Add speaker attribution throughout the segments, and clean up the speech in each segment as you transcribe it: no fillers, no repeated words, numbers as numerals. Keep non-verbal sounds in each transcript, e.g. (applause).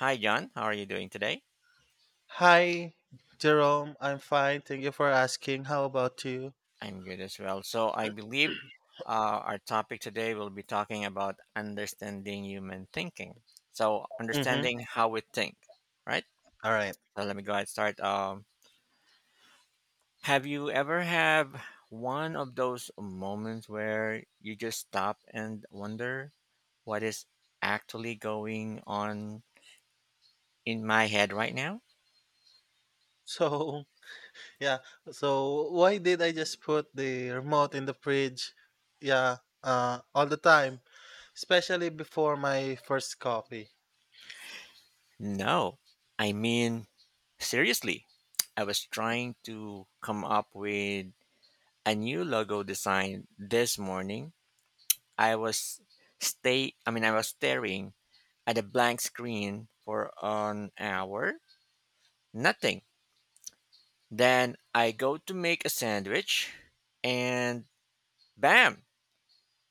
Speaker 1: Hi, John. How are you doing today?
Speaker 2: Hi, Jerome. I'm fine. Thank you for asking. How about you?
Speaker 1: I'm good as well. So, I believe our topic today will be talking about understanding human thinking. So,
Speaker 2: Mm-hmm.
Speaker 1: understanding how we think, right?
Speaker 2: All right.
Speaker 1: So, let me go ahead and start. Have you ever have one of those moments where you just stop and wonder what is actually going on in my head right now?
Speaker 2: So, (laughs) yeah. So, why did I just put the remote in the fridge? Yeah, all the time, especially before my first coffee.
Speaker 1: No. I mean, seriously, I was trying to come up with a new logo design this morning, I was stay I mean I was staring at a blank screen for an hour. Nothing. Then I go to make a sandwich and bam,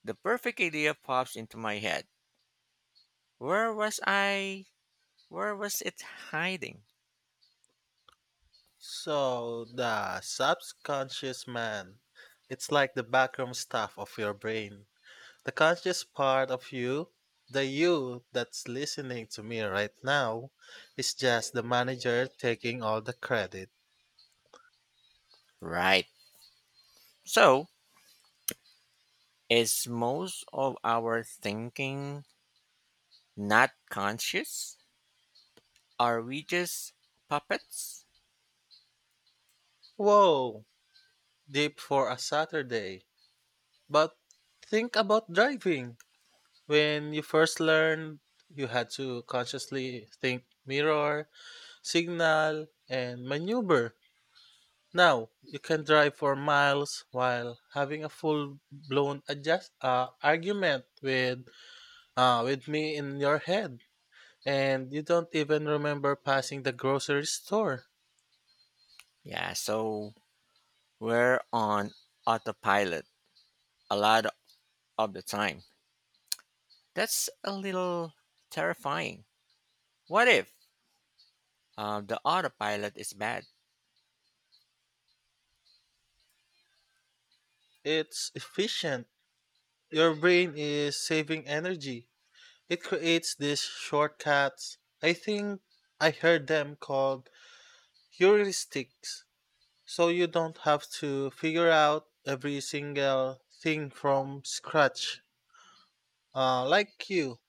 Speaker 1: the perfect idea pops into my head. Where was I where was it hiding?
Speaker 2: So, the subconscious man, it's like the backroom staff of your brain. The conscious part of you, the you that's listening to me right now, is just the manager taking all the credit.
Speaker 1: Right. So, is most of our thinking not conscious? Are we just puppets?
Speaker 2: Whoa, deep for a Saturday. But think about driving. When you first learned, you had to consciously think mirror, signal, and maneuver. Now, you can drive for miles while having a full blown adjust argument with me in your head. And you don't even remember passing the grocery store.
Speaker 1: Yeah, so we're on autopilot a lot of the time. That's a little terrifying. What if the autopilot is bad? (laughs)
Speaker 2: It's efficient. Your brain is saving energy. It creates these shortcuts. I think I heard them called heuristics. So you don't have to figure out every single thing from scratch. Like you,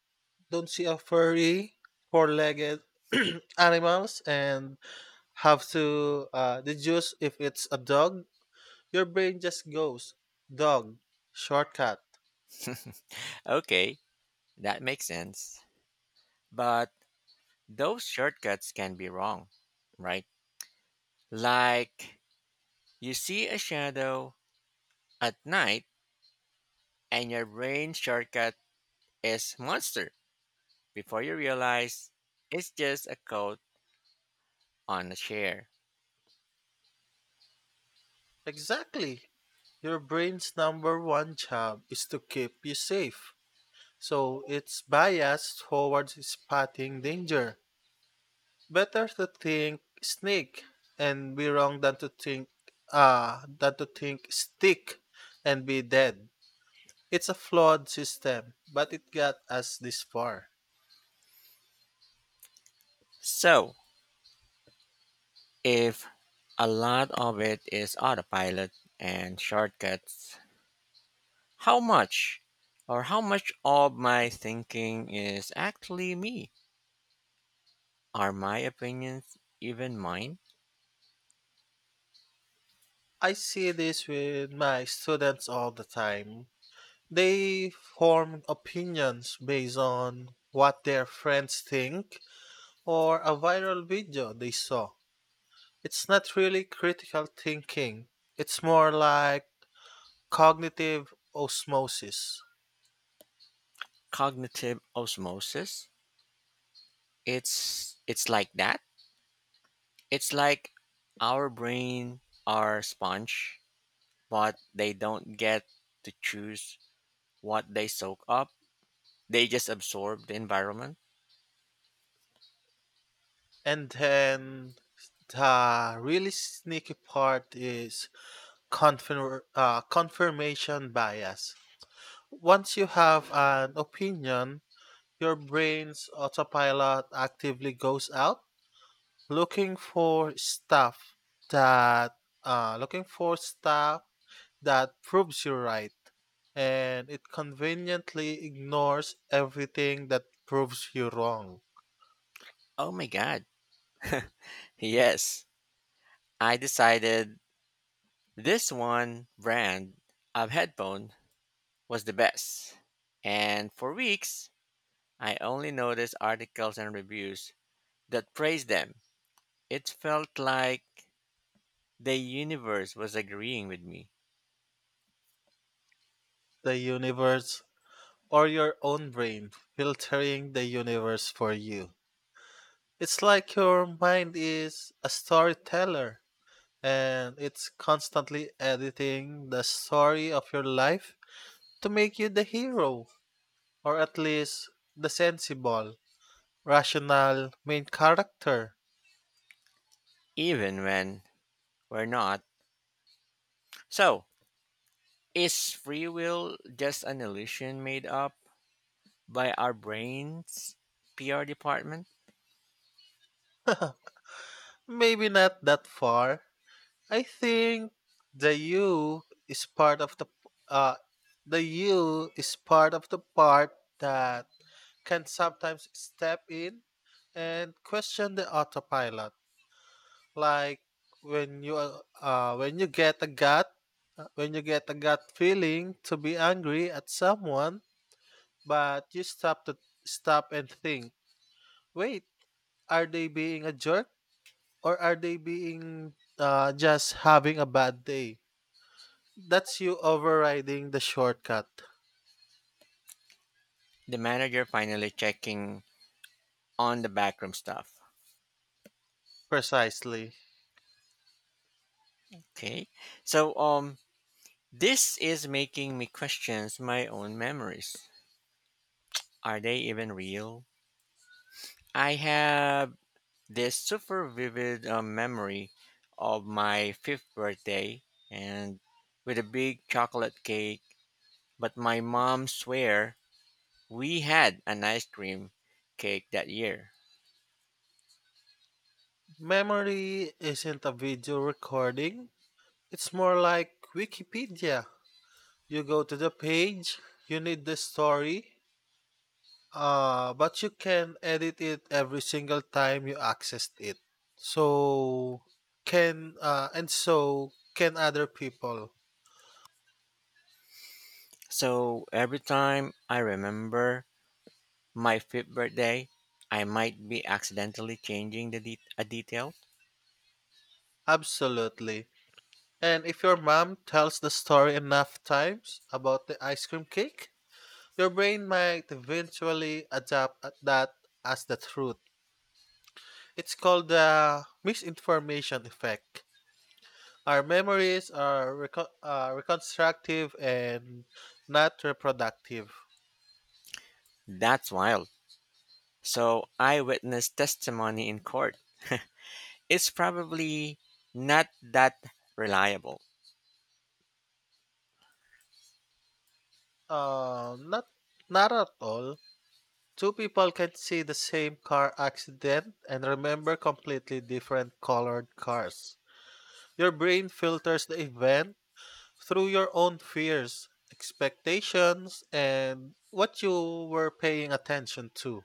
Speaker 2: don't see a furry, four legged (clears throat) animals and have to deduce if it's a dog. Your brain just goes, dog, shortcut.
Speaker 1: Okay, that makes sense. But those shortcuts can be wrong, right? Like you see a shadow at night and your brain shortcut is monster before you realize it's just a coat on a chair.
Speaker 2: Exactly. Your brain's number one job is to keep you safe. So it's biased towards spotting danger. Better to think snake and be wrong than to think than to think stick and be dead. It's a flawed system, but it got us this far.
Speaker 1: So, if a lot of it is autopilot and shortcuts, how much how much of my thinking is actually me? Are my opinions even mine?
Speaker 2: I see this with my students all the time. They form opinions based on what their friends think or a viral video they saw. It's not really critical thinking, it's more like cognitive osmosis.
Speaker 1: Cognitive osmosis? It's like that. It's like our brain are sponge, but they don't get to choose what they soak up. They just absorb the environment.
Speaker 2: And then the really sneaky part is confirmation bias. Once you have an opinion, your brain's autopilot actively goes out looking for stuff that looking for stuff that proves you right, and it conveniently ignores everything that proves you wrong.
Speaker 1: Oh my god. Yes. I decided this one brand of headphone was the best. And for weeks, I only noticed articles and reviews that praised them. It felt like the universe was agreeing with me,
Speaker 2: The universe or your own brain filtering the universe for you. It's like your mind is a storyteller and it's constantly editing the story of your life to make you the hero, or at least the sensible, rational main character.
Speaker 1: even when we're not. So, is free will just an illusion made up by our brain's PR department?
Speaker 2: (laughs) Maybe not that far. I think the you is part of the uh the you is part of the part that can sometimes step in and question the autopilot. Like when you get a gut when you get a gut feeling to be angry at someone, but you stop and think, wait, are they being a jerk? Or are they being just having a bad day? That's you overriding the shortcut.
Speaker 1: The manager finally checking on the backroom stuff.
Speaker 2: Precisely.
Speaker 1: Okay. So, um, This is making me question my own memories. Are they even real? I have this super vivid memory of my fifth birthday and with a big chocolate cake, but my mom swear we had an ice cream cake that year.
Speaker 2: Memory isn't a video recording, it's more like Wikipedia. You go to the page, you need the story, but you can edit it every single time you accessed it. So, can, and so can other people.
Speaker 1: So every time I remember my fifth birthday, I might be accidentally changing the detail.
Speaker 2: Absolutely. And if your mom tells the story enough times about the ice cream cake, your brain might eventually adapt at that as the truth. It's called the misinformation effect. Our memories are reconstructive and not reproductive.
Speaker 1: That's wild. So eyewitness testimony in court is probably not that reliable.
Speaker 2: Not not at all. Two people can see the same car accident and remember completely different colored cars. Your brain filters the event through your own fears, expectations, and what you were paying attention to.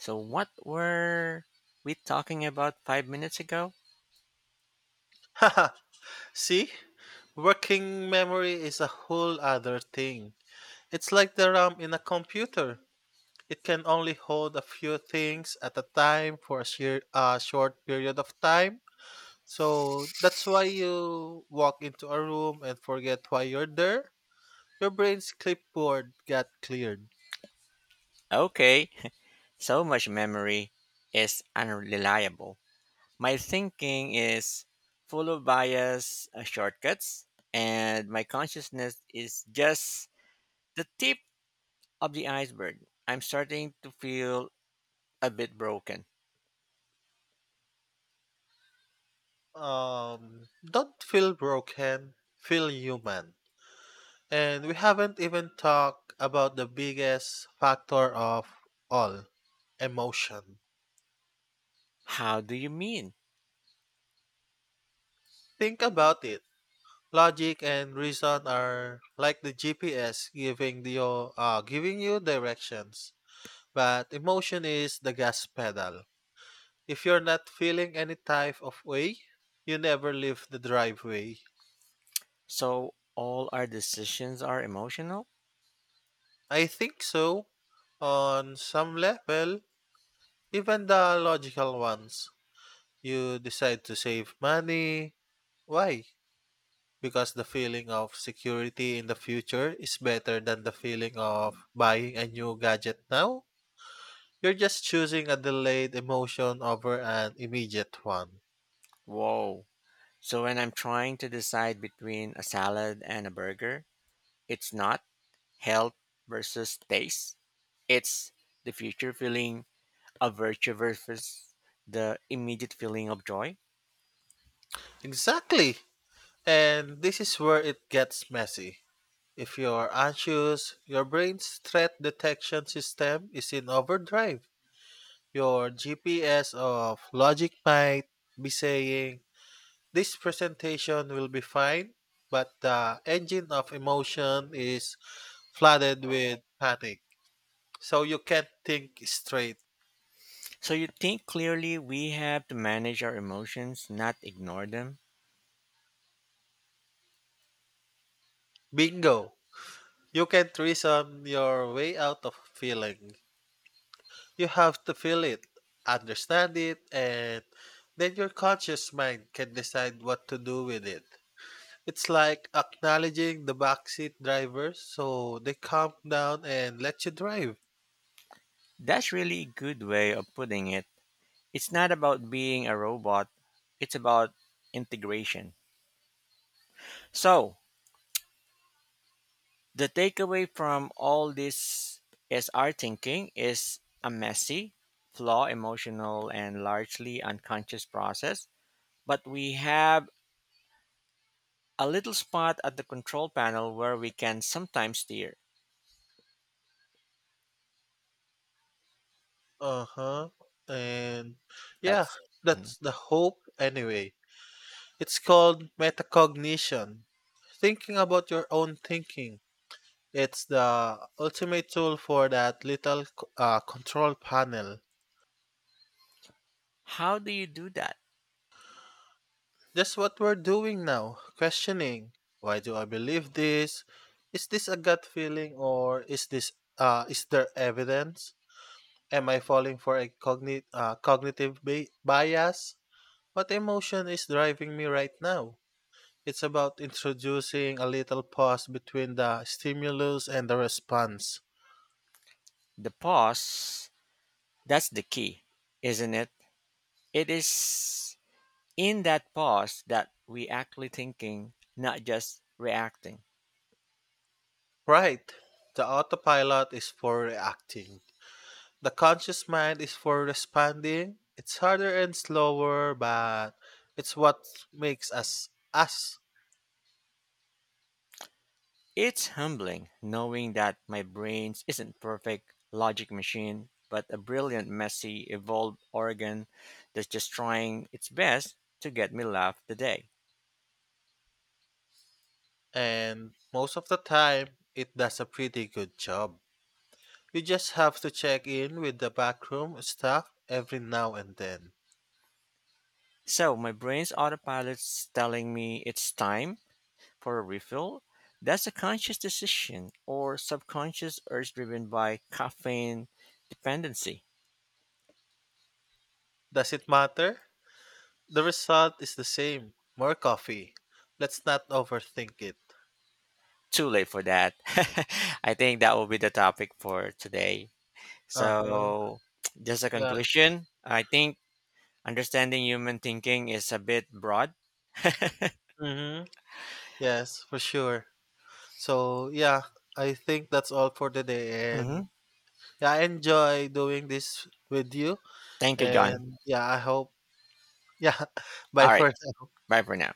Speaker 1: So what were we talking about 5 minutes ago?
Speaker 2: (laughs) Haha, see? Working memory is a whole other thing. It's like the RAM in a computer. It can only hold a few things at a time for a short period of time. So that's why you walk into a room and forget why you're there. Your brain's clipboard got cleared.
Speaker 1: Okay, (laughs) so much memory is unreliable. My thinking is full of bias, shortcuts, and my consciousness is just the tip of the iceberg. I'm starting to feel a bit broken.
Speaker 2: Don't feel broken, feel human. And we haven't even talked about the biggest factor of all, emotion.
Speaker 1: How do you mean?
Speaker 2: Think about it. Logic and reason are like the giving you directions, but emotion is the gas pedal. If you're not feeling any type of way, you never leave the driveway.
Speaker 1: So all our decisions are emotional?
Speaker 2: I think so. On some level, even the logical ones. You decide to save money. Why? Because the feeling of security in the future is better than the feeling of buying a new gadget now. You're just choosing a delayed emotion over an immediate one.
Speaker 1: Whoa. So when I'm trying to decide between a salad and a burger, it's not health versus taste. It's the future feeling of virtue versus the immediate feeling of joy.
Speaker 2: Exactly! And this is where it gets messy. If you're anxious, your brain's threat detection system is in overdrive. Your GPS of logic might be saying, this presentation will be fine, but the engine of emotion is flooded with panic. So you can't think straight.
Speaker 1: So you think clearly we have to manage our emotions, not ignore them.
Speaker 2: Bingo! You can't reason your way out of feeling. You have to feel it, understand it, and then your conscious mind can decide what to do with it. It's like acknowledging the backseat driver so they calm down and let you drive.
Speaker 1: That's really a good way of putting it. It's not about being a robot, it's about integration. So, the takeaway from all this is our thinking is a messy, flawed, emotional, and largely unconscious process, but we have a little spot at the control panel where we can sometimes steer.
Speaker 2: Uh-huh. And yeah,
Speaker 1: That's Mm.
Speaker 2: that's the hope anyway. It's called metacognition. Thinking about your own thinking. It's the ultimate tool for that control panel.
Speaker 1: how do you do that?
Speaker 2: That's what we're doing now, questioning. Why do I believe this? Is this a gut feeling or is this is there evidence? Am I falling for a cognitive bias? What emotion is driving me right now? It's about introducing a little pause between the stimulus and the response.
Speaker 1: The pause, that's the key, isn't it? It is in that pause that we actually thinking, not just reacting.
Speaker 2: Right. The autopilot is for reacting. The conscious mind is for responding. It's harder and slower, but it's what makes us us.
Speaker 1: It's humbling knowing that my brain isn't perfect logic machine, but a brilliant, messy, evolved organ that's just trying its best to get me laugh today.
Speaker 2: And most of the time, it does a pretty good job. You just have to check in with the backroom staff every now and then.
Speaker 1: So my brain's autopilot's telling me it's time for a refill. That's a conscious decision or subconscious urge driven by caffeine dependency.
Speaker 2: Does it matter? The result is the same. More coffee. Let's not overthink it.
Speaker 1: Too late for that. (laughs) I think that will be the topic for today.
Speaker 2: Uh-huh.
Speaker 1: So, just a
Speaker 2: Yeah.
Speaker 1: conclusion. I think understanding human thinking is a bit broad.
Speaker 2: Mm-hmm. Yes, for sure. So yeah, I think that's all for today.
Speaker 1: Hmm.
Speaker 2: And yeah, I enjoy doing this with you.
Speaker 1: Thank you, John.
Speaker 2: And yeah, yeah, (laughs) bye
Speaker 1: All right.
Speaker 2: for now.
Speaker 1: Bye for now.